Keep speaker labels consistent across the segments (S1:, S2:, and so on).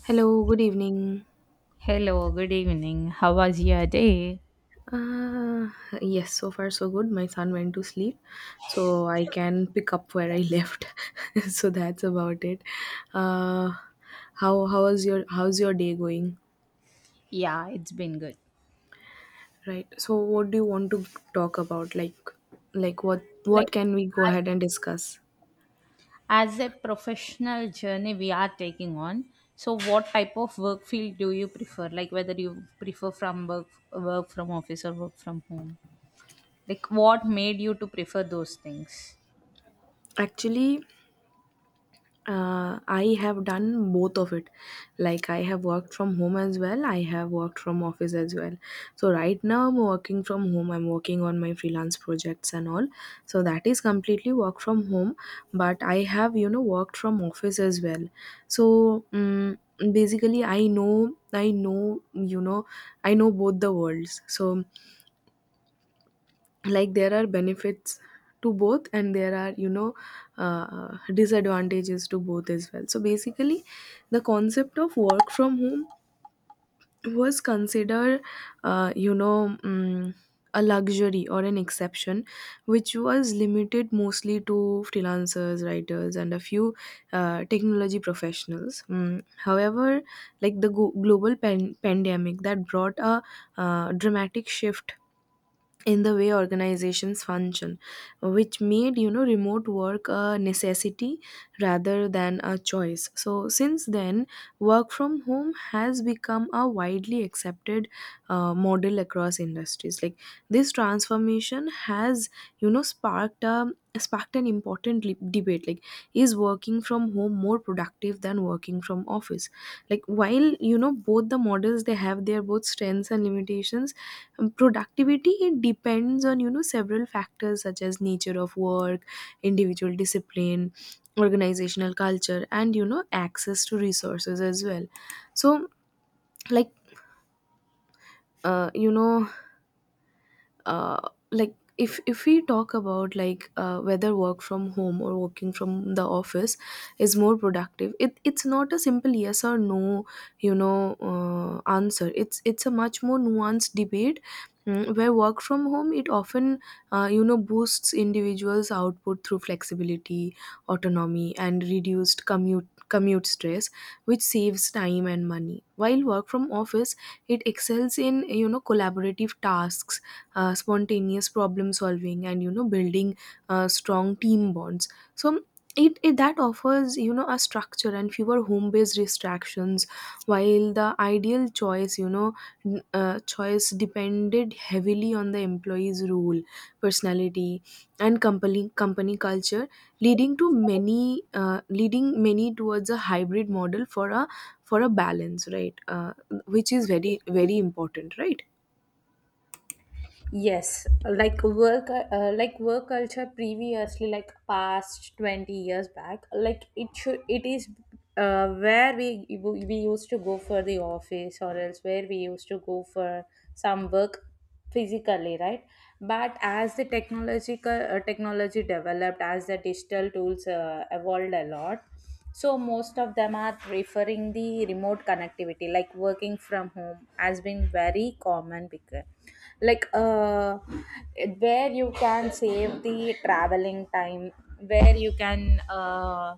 S1: Hello, good evening.
S2: Hello, good evening. How was your day?
S1: Uh, yes, so far so good. My son went to sleep, so I can pick up where I left. so that's about it. Uh, how is your day going?
S2: Yeah, it's been good.
S1: Right. So what do you want to talk about? Like what
S2: Like
S1: can we go ahead and discuss?
S2: as a professional journey we are taking on, so what type of work field do you prefer? Like whether you prefer from work from office or work from home? Like what made you to prefer those things?
S1: Actually, I have done both of it. Like I have worked from home as well, I have worked from office as well. So right now I'm working from home, I'm working on my freelance projects and all, so that is completely work from home. But I have, you know, worked from office as well. So basically i know, I know both the worlds. So like there are benefits to both, and there are, you know, disadvantages to both as well. So basically the concept of work from home was considered, you know, a luxury or an exception, which was limited mostly to freelancers, writers and a few technology professionals. However, like the global pandemic, that brought a dramatic shift in the way organizations function, which made, you know, remote work a necessity rather than a choice. So since then, work from home has become a widely accepted model across industries. Like this transformation has, you know, sparked an important debate, like is working from home more productive than working from office? Like while, you know, both the models, they have their both strengths and limitations. Productivity, it depends on, you know, several factors such as nature of work, individual discipline, organizational culture, and, you know, access to resources as well. So like, uh, you know like if we talk about, like, whether work from home or working from the office is more productive, it, it's not a simple yes or no, you know, answer. It's a much more nuanced debate, where work from home, it often, you know, boosts individuals output through flexibility, autonomy and reduced commute stress, which saves time and money. While work from office, it excels in, you know, collaborative tasks, spontaneous problem solving, and, you know, building strong team bonds. So it that offers, you know, a structure and fewer home based distractions, while the ideal choice, you know, choice depended heavily on the employee's role, personality, and company culture, leading to many leading many towards a hybrid model for a, for a balance, right? Which is very, very important, right?
S2: Yes, like work culture previously, like past 20 years back, like it should, it is where we used to go for the office or else where we used to go for some work physically, right? But as the technological technology developed, as the digital tools evolved a lot, so most of them are preferring the remote connectivity like working from home has been very common because like uh where you can save the traveling time, where you can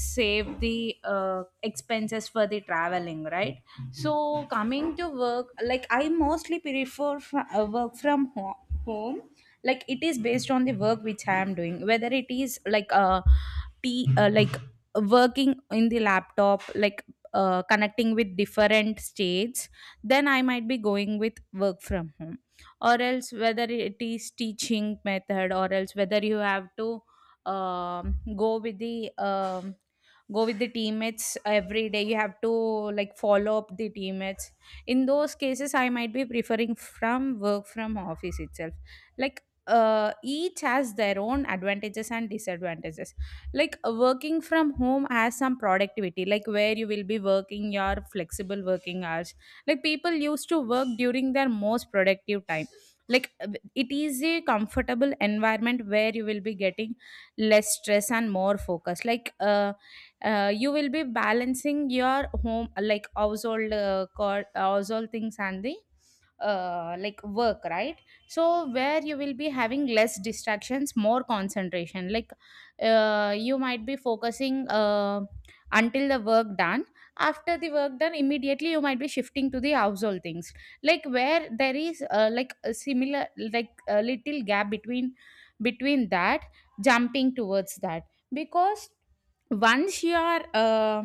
S2: save the expenses for the traveling, right? So coming to work, like I mostly prefer work from home. Like it is based on the work which I am doing, whether it is like working in the laptop, like connecting with different states, then I might be going with work from home, or else whether it is teaching method, or else whether you have to um, go with the um, go with the teammates every day, you have to like follow up the teammates. In those cases I might be preferring from work from office itself. Like each has their own advantages and disadvantages. Like working from home has some productivity, like where you will be working your flexible working hours, like people used to work during their most productive time. Like it is a comfortable environment where you will be getting less stress and more focus. Like you will be balancing your home, like household household things and the like work, right? So where you will be having less distractions, more concentration, like you might be focusing until the work done. After the work done, immediately you might be shifting to the household things, like where there is like a similar, like a little gap between, between that, jumping towards that, because once you are uh,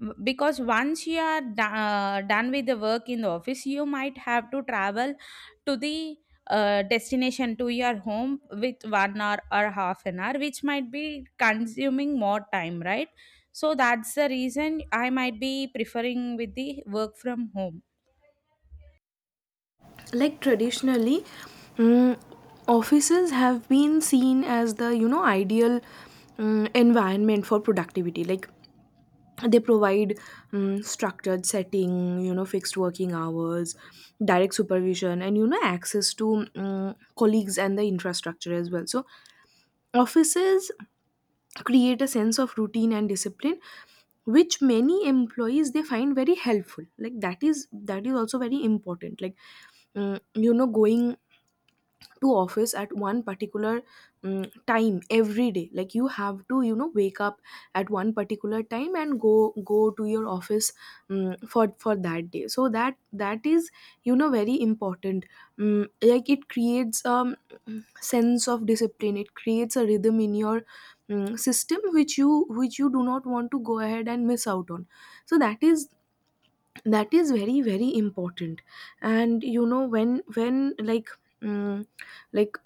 S2: w- because once you are done with the work in the office, you might have to travel to the destination to your home with 1 hour or half an hour, which might be consuming more time, right? So that's the reason I might be preferring with the work from home.
S1: Like traditionally, mm, offices have been seen as the, you know, ideal environment for productivity. Like they provide structured setting, you know, fixed working hours, direct supervision, and, you know, access to, colleagues and the infrastructure as well. So offices create a sense of routine and discipline, which many employees, they find very helpful. Like that is, that is also very important. Like, you know, going to office at one particular time every day, like you have to, you know, wake up at one particular time and go to your office for that day. So that, that is, you know, very important. Like it creates, sense of discipline, it creates a rhythm in your system, which you, which you do not want to go ahead and miss out on. So that is, that is very, very important. And you know, when, um, like,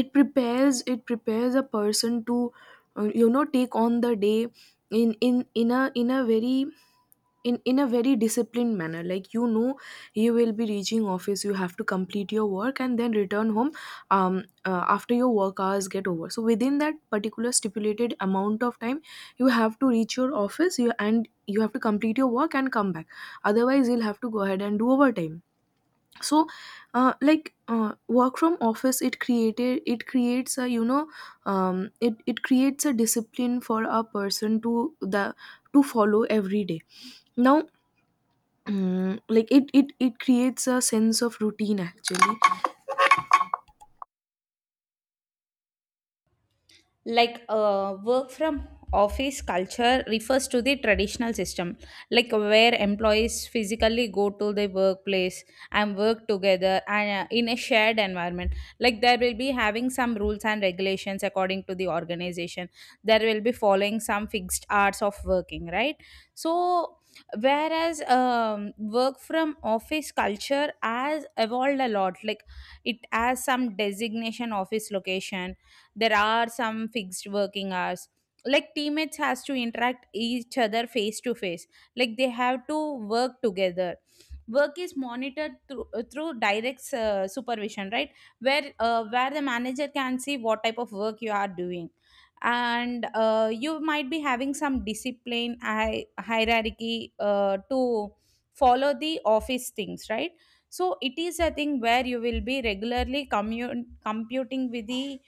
S1: it prepares, it prepares a person to, you know, take on the day, in in in a in a very in a very disciplined manner. Like, you know, you will be reaching office, you have to complete your work and then return home, um after your work hours get over. So within that particular stipulated amount of time, you have to reach your office, you and, you have to complete your work and come back, otherwise you'll have to go ahead and do overtime. So, work from office, it created it creates a, you know, it, it creates a discipline for a person to the to follow every day. Now, like it creates a sense of routine actually.
S2: Like work from office culture refers to the traditional system, like where employees physically go to the workplace and work together and in a shared environment. Like there will be having some rules and regulations according to the organization, there will be following some fixed hours of working, right? So whereas work from office culture has evolved a lot. Like it has some designation, office location, there are some fixed working hours, like teammates has to interact each other face to face, like they have to work together. Work is monitored through direct supervision, right? Where where the manager can see what type of work you are doing, and you might be having some discipline hierarchy to follow the office things, right? So it is a thing where you will be regularly computing with the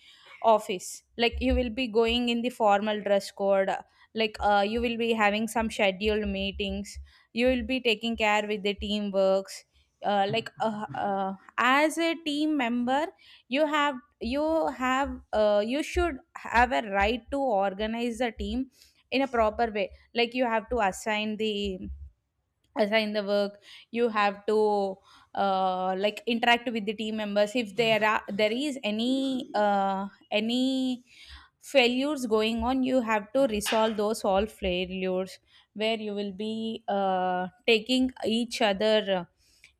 S2: office, like you will be going in the formal dress code, like you will be having some scheduled meetings, you will be taking care with the team works, as a team member you have you should have a right to organize the team in a proper way. Like you have to assign the work, you have to like interact with the team members. If there is any failures going on, you have to resolve those all failures, where you will be taking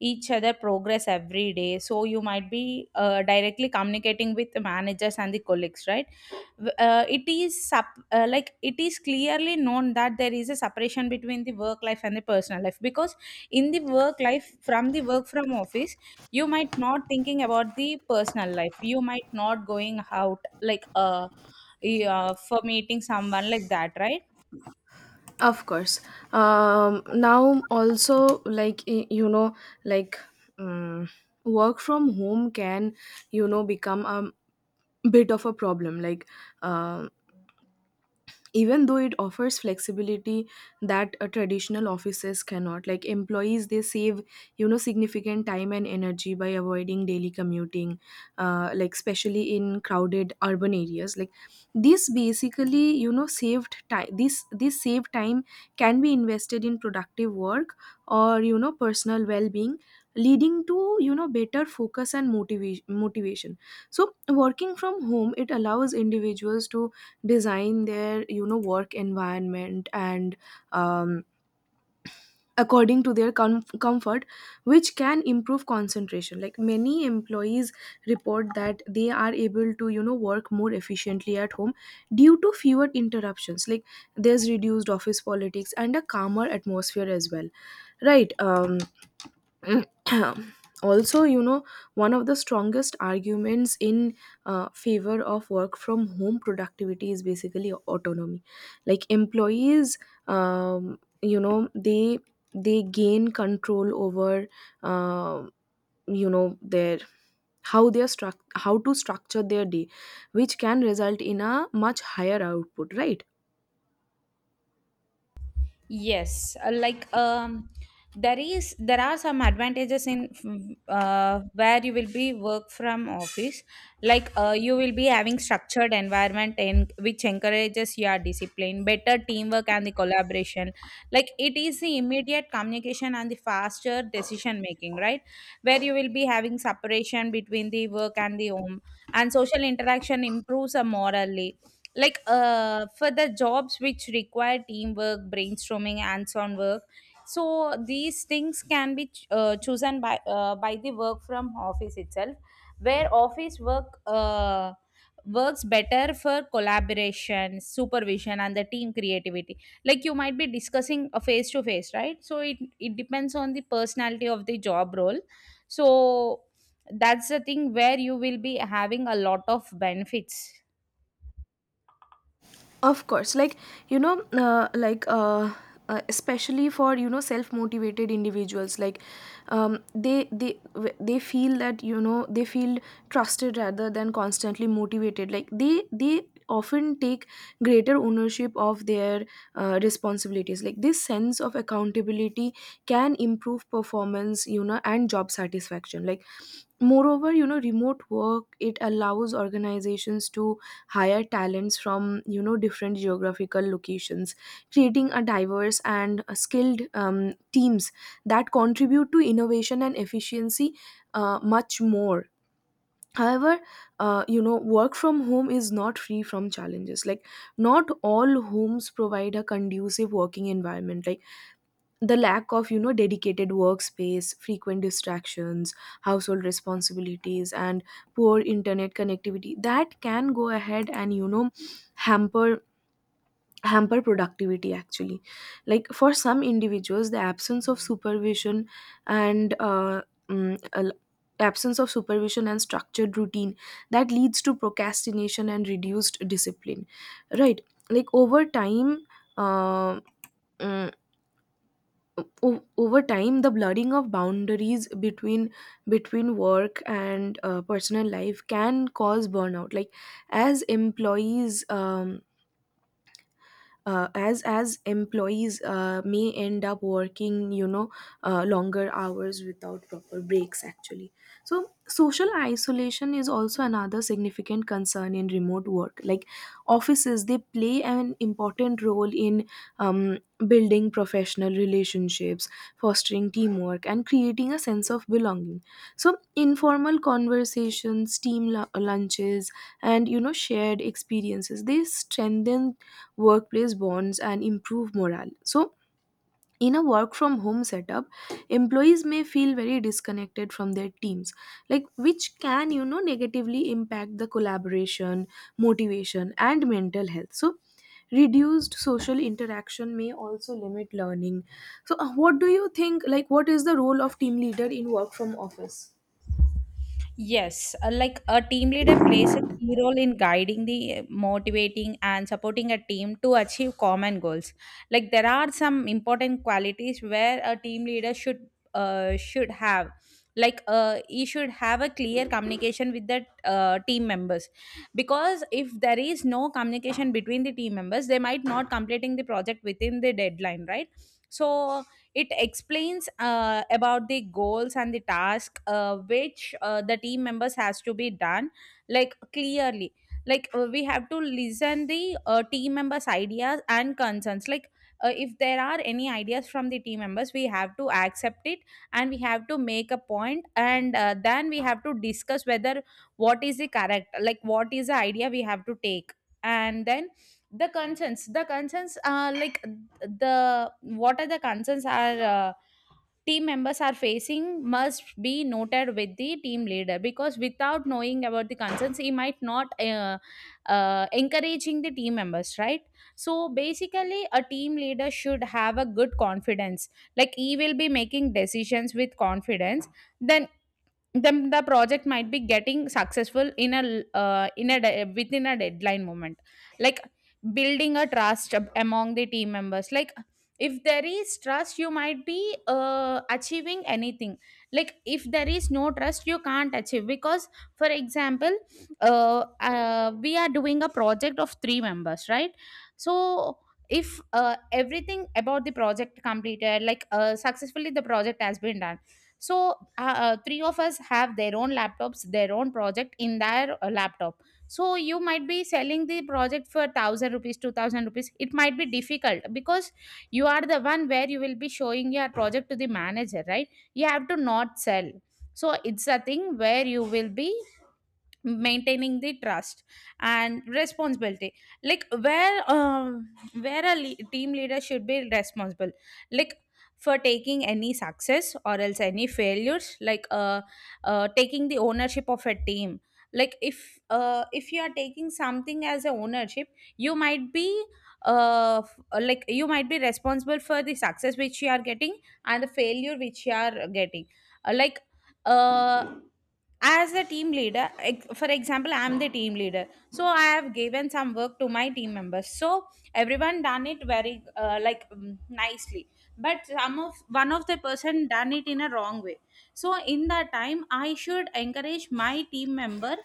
S2: each other progress every day. So you might be directly communicating with the managers and the colleagues, right? It is sup- Like it is clearly known that there is a separation between the work life and the personal life, because in the work life from the work from office, you might not thinking about the personal life, you might not going out like yeah, for meeting someone like that, right?
S1: Of course. Now also, like, you know, like, um, work from home can, you know, become a bit of a problem. Like, uh, even though it offers flexibility that traditional offices cannot. Like employees, they save, you know, significant time and energy by avoiding daily commuting, like especially in crowded urban areas. Like this basically, you know, saved time this this saved time can be invested in productive work or, you know, personal well-being, leading to, you know, better focus and motivation. So working from home, it allows individuals to design their, you know, work environment, and um, according to their comfort, which can improve concentration. Like many employees report that they are able to, you know, work more efficiently at home due to fewer interruptions. Like there's reduced office politics and a calmer atmosphere as well, right? Also, you know, one of the strongest arguments in favor of work from home productivity is basically autonomy. Like employees, you know, they gain control over, uh, you know, their, how they are struct how to structure their day, which can result in a much higher output, right?
S2: Yes, there is there are some advantages in where you will be work from office. Like you will be having structured environment and which encourages your discipline, better teamwork and the collaboration. Like it is the immediate communication and the faster decision making, right? Where you will be having separation between the work and the home, and social interaction improves morally, like for the jobs which require teamwork, brainstorming and so on work. So these things can be chosen by the work from office itself, where office work works better for collaboration, supervision and the team creativity, like you might be discussing a face to face, right? So it depends on the personality of the job role. So that's the thing where you will be having a lot of benefits.
S1: Of course, like, you know, especially for, you know, self-motivated individuals, like, they they feel that, you know, they feel trusted rather than constantly motivated. Like they often take greater ownership of their responsibilities. Like this sense of accountability can improve performance, you know, and job satisfaction. Like moreover, you know, remote work, it allows organizations to hire talents from, you know, different geographical locations, creating a diverse and skilled teams that contribute to innovation and efficiency much more. However, you know, work from home is not free from challenges. Like not all homes provide a conducive working environment. Like the lack of, you know, dedicated workspace, frequent distractions, household responsibilities, and poor internet connectivity, that can go ahead and, you know, hamper hamper productivity actually. Like for some individuals, the absence of supervision and mm, al- absence of supervision and structured routine, that leads to procrastination and reduced discipline, right? Like over time, uh, mm, over time the blurring of boundaries between, between work and personal life can cause burnout, like as employees, as employees may end up working, you know, longer hours without proper breaks actually. So social isolation is also another significant concern in remote work. Like offices, they play an important role in um, building professional relationships, fostering teamwork, and creating a sense of belonging. So informal conversations, team lunches, and, you know, shared experiences, they strengthen workplace bonds and improve morale. So, in a work from home setup, employees may feel very disconnected from their teams, like which can, you know, negatively impact the collaboration, motivation, and mental health. So, reduced social interaction may also limit learning. So, what do you think? Like, what is the role of team leader in work from office?
S2: Yes, like a team leader plays a key role in guiding the motivating and supporting a team to achieve common goals. Like there are some important qualities where a team leader should have. Like he should have a clear communication with the team members, because if there is no communication between the team members, they might not completing the project within the deadline, right? So it explains about the goals and the task which the team members has to be done like clearly. Like we have to listen the team members' ideas and concerns. Like if there are any ideas from the team members, we have to accept it, and we have to make a point and then we have to discuss whether what is the correct, like what is the idea we have to take, and then the concerns like the what are the concerns are team members are facing must be noted with the team leader, because without knowing about the concerns he might not encouraging the team members, right? So basically a team leader should have a good confidence, like he will be making decisions with confidence, then then the project might be getting successful in a within a deadline moment. Like building a among the team members, like if there is trust you might be achieving anything, like if there is no trust you can't achieve. Because for example, we are doing a project of 3 members, right? So if everything about the project completed, like successfully the project has been done, so three of us have their own laptops, their own project in their laptop. So you might be selling the project for 1,000 rupees, 2,000 rupees, it might be difficult because you are the one where you will be showing your project to the manager, right? You have to not sell. So it's a thing where you will be maintaining the trust and responsibility, like where a team leader should be responsible, like for taking any success or else any failures, like taking the ownership of a team. Like if you are taking something as a ownership, you might be like you might be responsible for the success which you are getting and the failure which you are getting. Like uh as a team leader, for example, I'm the team leader, so I have given some work to my team members. So everyone done it very nicely, but some of one of the person done it in a wrong way. So in that time I should encourage my team member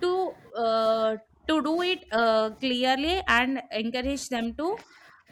S2: to uh, to do it clearly and encourage them to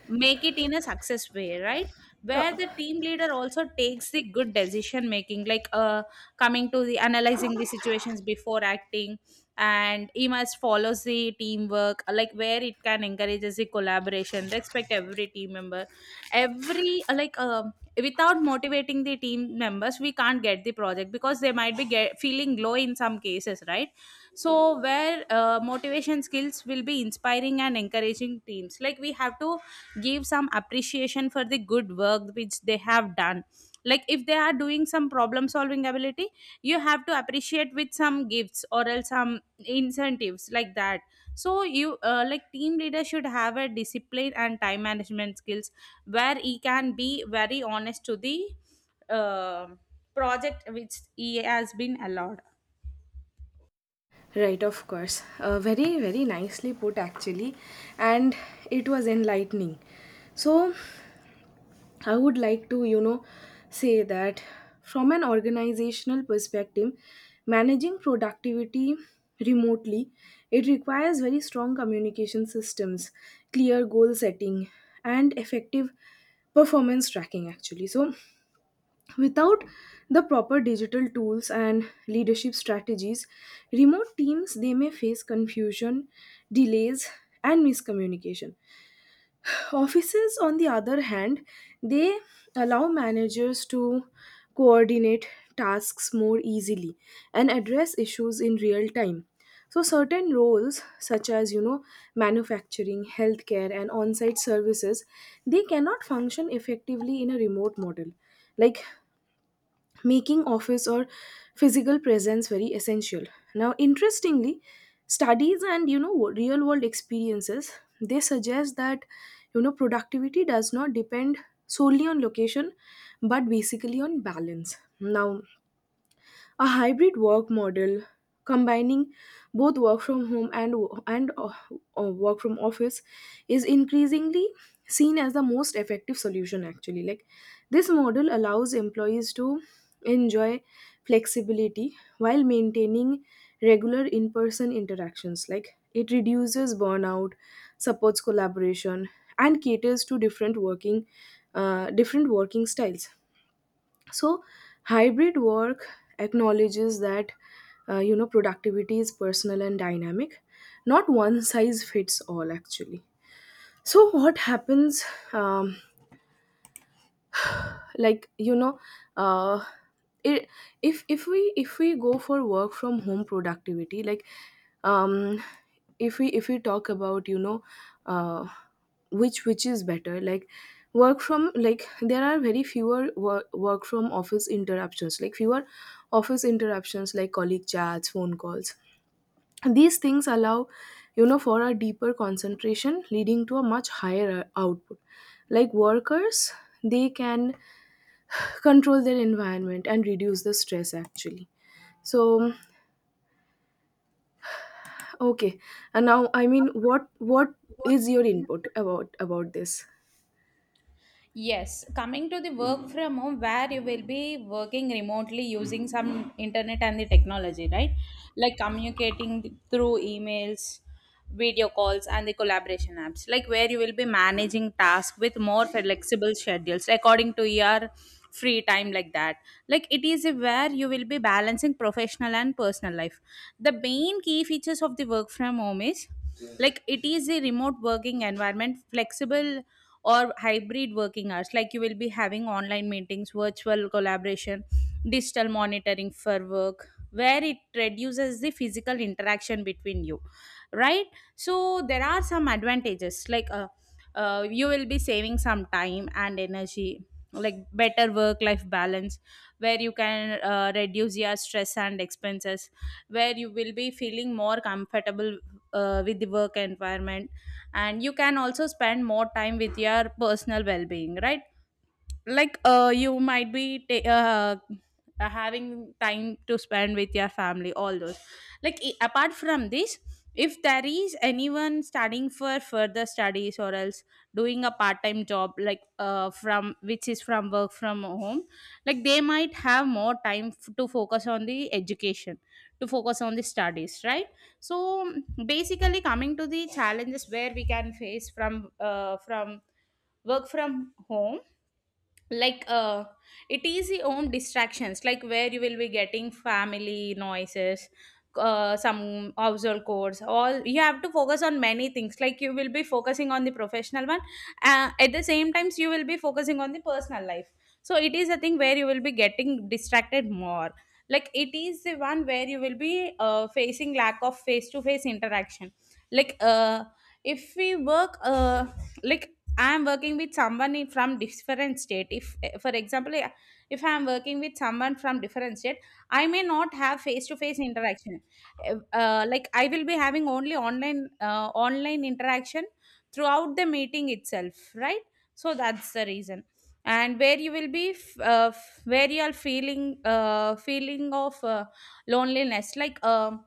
S2: make it in a success way, right?
S1: Uh,
S2: Where the team leader also takes the good decision making, like coming to the analyzing the situations before acting, and he must follows the teamwork, like where it can encourages the collaboration, respect every team member, every without motivating the team members we can't get the project, because they might be feeling low in some cases, right? So where motivation skills will be inspiring and encouraging teams, like we have to give some appreciation for the good work which they have done. Like if they are doing some problem solving ability, you have to appreciate with some gifts or else some incentives like that. So you like team leader should have a discipline and time management skills where he can be very honest to the uh, project which he has been allowed.
S1: Right, of course. Very, very nicely put, actually. And it was enlightening. So, I would like to, you know, say that from an organizational perspective, managing productivity remotely, it requires very strong communication systems, clear goal setting, and effective performance tracking actually. So, without the proper digital tools and leadership strategies, remote teams they may face confusion, delays, and miscommunication. Offices, on the other hand, they allow managers to coordinate tasks more easily and address issues in real time. So, certain roles, such as you know, manufacturing, healthcare, and on site services, they cannot function effectively in a remote model. Like making office or physical presence very essential. Now, interestingly, studies and real world experiences, they suggest that productivity does not depend solely on location, but basically on balance. Now a hybrid work model, combining both work from home and and uh, work from office, is increasingly seen as the most effective solution actually. Like this model allows employees to enjoy flexibility while maintaining regular in person interactions. Like it reduces burnout, supports collaboration, and caters to different working styles. So hybrid work acknowledges that productivity is personal and dynamic, not one size fits all actually. So what happens, um, like uh it, if we go for work from home productivity. Like, um if we talk about uh which is better. Like work from, like there are very fewer work from office interruptions, like fewer office interruptions like colleague chats, phone calls. These things allow, for a deeper concentration leading to a much higher output. Like workers, they can control their environment and reduce the stress actually. So okay, and now I mean what is your input about this?
S2: Yes, coming to the work from home, where you will be working remotely using some internet and the technology, right? Like communicating through emails, video calls, and the collaboration apps, like where you will be managing tasks with more flexible schedules according to your free time, like that. Like it is where you will be balancing professional and personal life. The main key features of the work from home is like it is a remote working environment, flexible or hybrid working hours, like you will be having online meetings, virtual collaboration, digital monitoring for work, where it reduces the physical interaction between you, right? So there are some advantages, like you will be saving some time and energy, like better work life balance, where you can reduce your stress and expenses, where you will be feeling more comfortable with the work environment, and you can also spend more time with your personal well-being, right? Like you might be having time to spend with your family, all those. Like apart from this, if there is anyone studying for further studies or else doing a part-time job like from, which is from work from home, like they might have more time to focus on the education, to focus on the studies, right? So basically coming to the challenges where we can face from from work from home, like it is your own distractions, like where you will be getting family noises, some household chores. All you have to focus on many things, like you will be focusing on the professional one, at the same times you will be focusing on the personal life. So it is a thing where you will be getting distracted more. Like it is the one where you will be facing lack of face to face interaction. Like, if we work like, I'm working with someone from different state, if eh, for example, eh, if I'm working with someone from different state, I may not have face to face interaction. Like I will be having only online, online interaction throughout the meeting itself, right? So that's the reason. And where you will be where you are feeling feeling of loneliness, like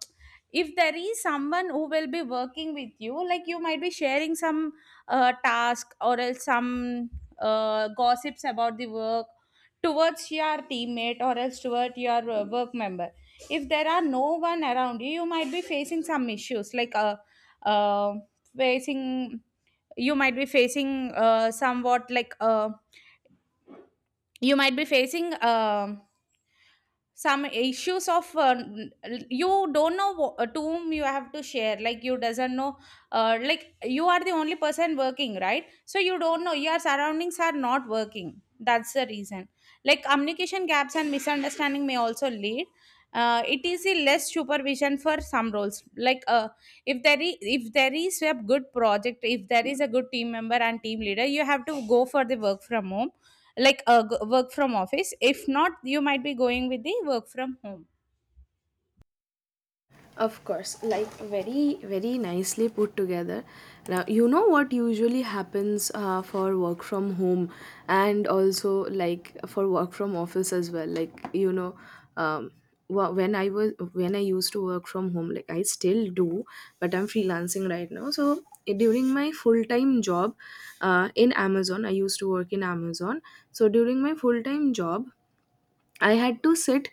S2: if there is someone who will be working with you, like you might be sharing some task or else some gossips about the work towards your teammate or else toward your work member. If there are no one around you, you might be facing some issues, like uh, facing, you might be facing somewhat like you might be facing some issues of you don't know to whom you have to share, like you doesn't know, like you are the only person working, right? So you don't know your surroundings are not working, that's the reason. Like communication gaps and misunderstanding may also lead. It is a less supervision for some roles, like if there is a good project, if there is a good team member and team leader, you have to go for the work from home, like work from office. If not, you might be going with the work from home.
S1: Of course, like very, very nicely put together. Now, you know what usually happens for work from home and also like for work from office as well. Like, you know, um, when I used to work from home, like I still do, but I'm freelancing right now. So during my full time job in Amazon, I used to work in Amazon. So during my full time job, I had to sit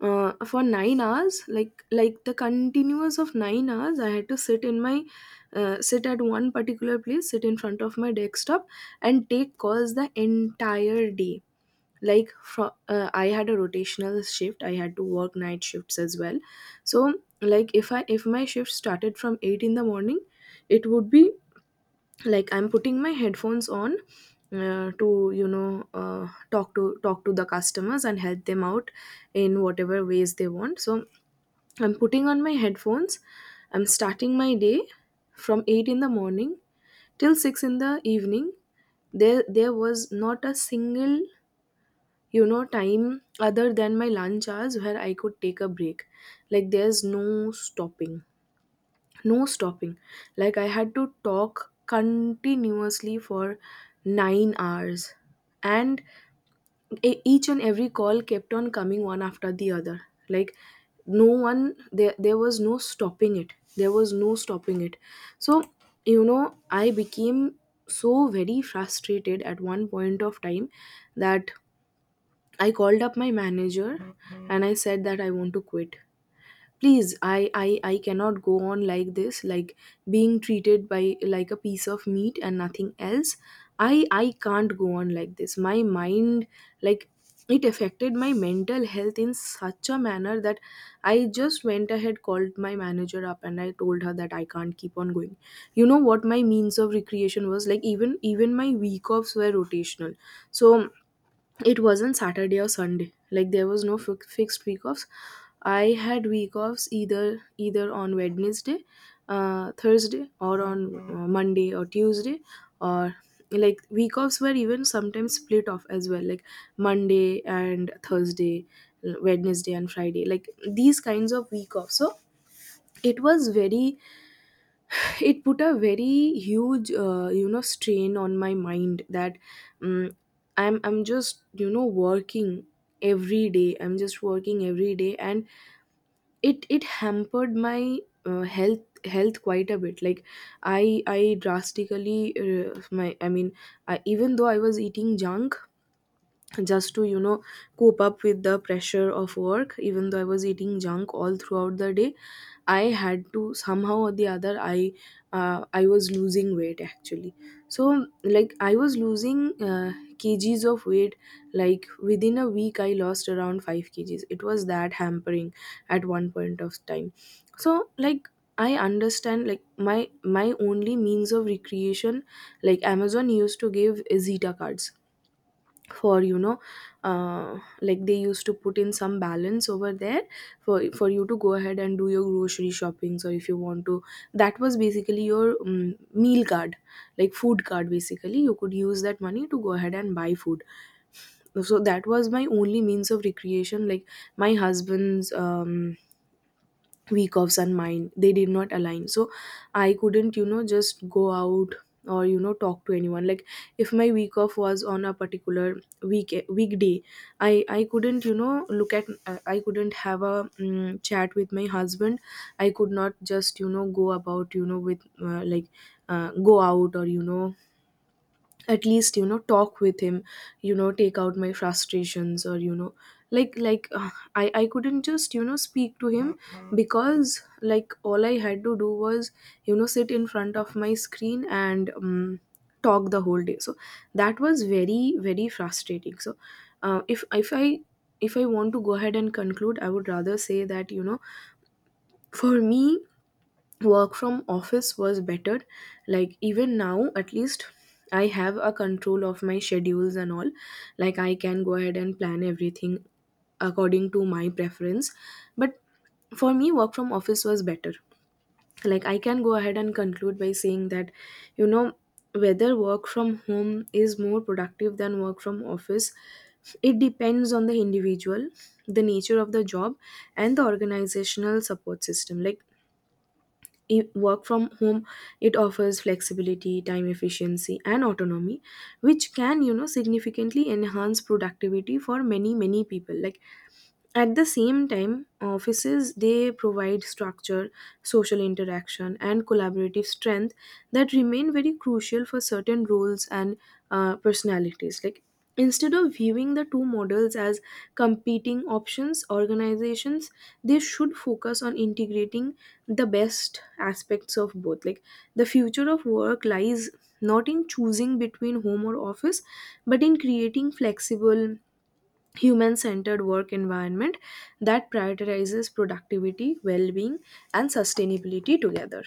S1: for 9 hours, like the continuous of 9 hours. I had to sit in my sit at one particular place, sit in front of my desktop, and take calls the entire day. I had a rotational shift. I had to work night shifts as well. So like if I, if my shift started from eight in the morning, it would be like I'm putting my headphones on to talk to the customers and help them out in whatever ways they want. So I'm putting on my headphones, I'm starting my day from 8 in the morning till 6 in the evening. There was not a single time other than my lunch hours where I could take a break. Like there's no stopping, no stopping. Like I had to talk continuously for 9 hours, and each and every call kept on coming one after the other. Like no one, there was no stopping it, there was no stopping it. So you know, I became so very frustrated at one point of time that I called up my manager and I said that I want to quit. Please, I cannot go on like this, like being treated by like a piece of meat and nothing else. I can't go on like this. My mind, like, it affected my mental health in such a manner that I just went ahead, called my manager up, and I told her that I can't keep on going. You know what my means of recreation was? Like, even my week offs were rotational. So it wasn't Saturday or Sunday, like there was no fixed week offs. I had week offs either on Wednesday, Thursday, or on Monday or Tuesday. Or like week offs were even sometimes split off as well, like Monday and Thursday, Wednesday and Friday, like these kinds of week offs. So it was very, it put a very huge strain on my mind that um, I'm just working every day, I'm just working every day. And it hampered my health quite a bit. Like i I drastically my I mean even though I was eating junk just to cope up with the pressure of work, even though I was eating junk all throughout the day, I had to somehow or the other, I was losing weight actually. So like I was losing kgs of weight. Like within a week I lost around 5 kgs. It was that hampering at one point of time. So like I understand, like my only means of recreation, like Amazon used to give Zeta cards for like they used to put in some balance over there for you to go ahead and do your grocery shoppings, or if you want to, that was basically your meal card, like food card basically. You could use that money to go ahead and buy food. So that was my only means of recreation. Like my husband's week offs and mine, they did not align. So I couldn't just go out or talk to anyone. Like if my week off was on a particular weekday, I couldn't look at I couldn't have a chat with my husband. I could not just go about with go out, or at least talk with him, take out my frustrations, or I couldn't just speak to him. Because like all I had to do was sit in front of my screen and talk the whole day. So that was very, very frustrating. So uh, if if i if I want to go ahead and conclude, I would rather say that for me, work from office was better. Like even now at least I have a control of my schedules and all. Like I can go ahead and plan everything according to my preference. But for me, work from office was better. Like I can go ahead and conclude by saying that you know whether work from home is more productive than work from office, it depends on the individual, the nature of the job, and the organizational support system. Like work from home, it offers flexibility, time efficiency, and autonomy, which can significantly enhance productivity for many, many people. Like at the same time, offices, they provide structure, social interaction, and collaborative strength that remain very crucial for certain roles and personalities. Like instead of viewing the two models as competing options, organizations, they should focus on integrating the best aspects of both. Like the future of work lies not in choosing between home or office, but in creating flexible, human centered work environment that prioritizes productivity, well being, and sustainability together.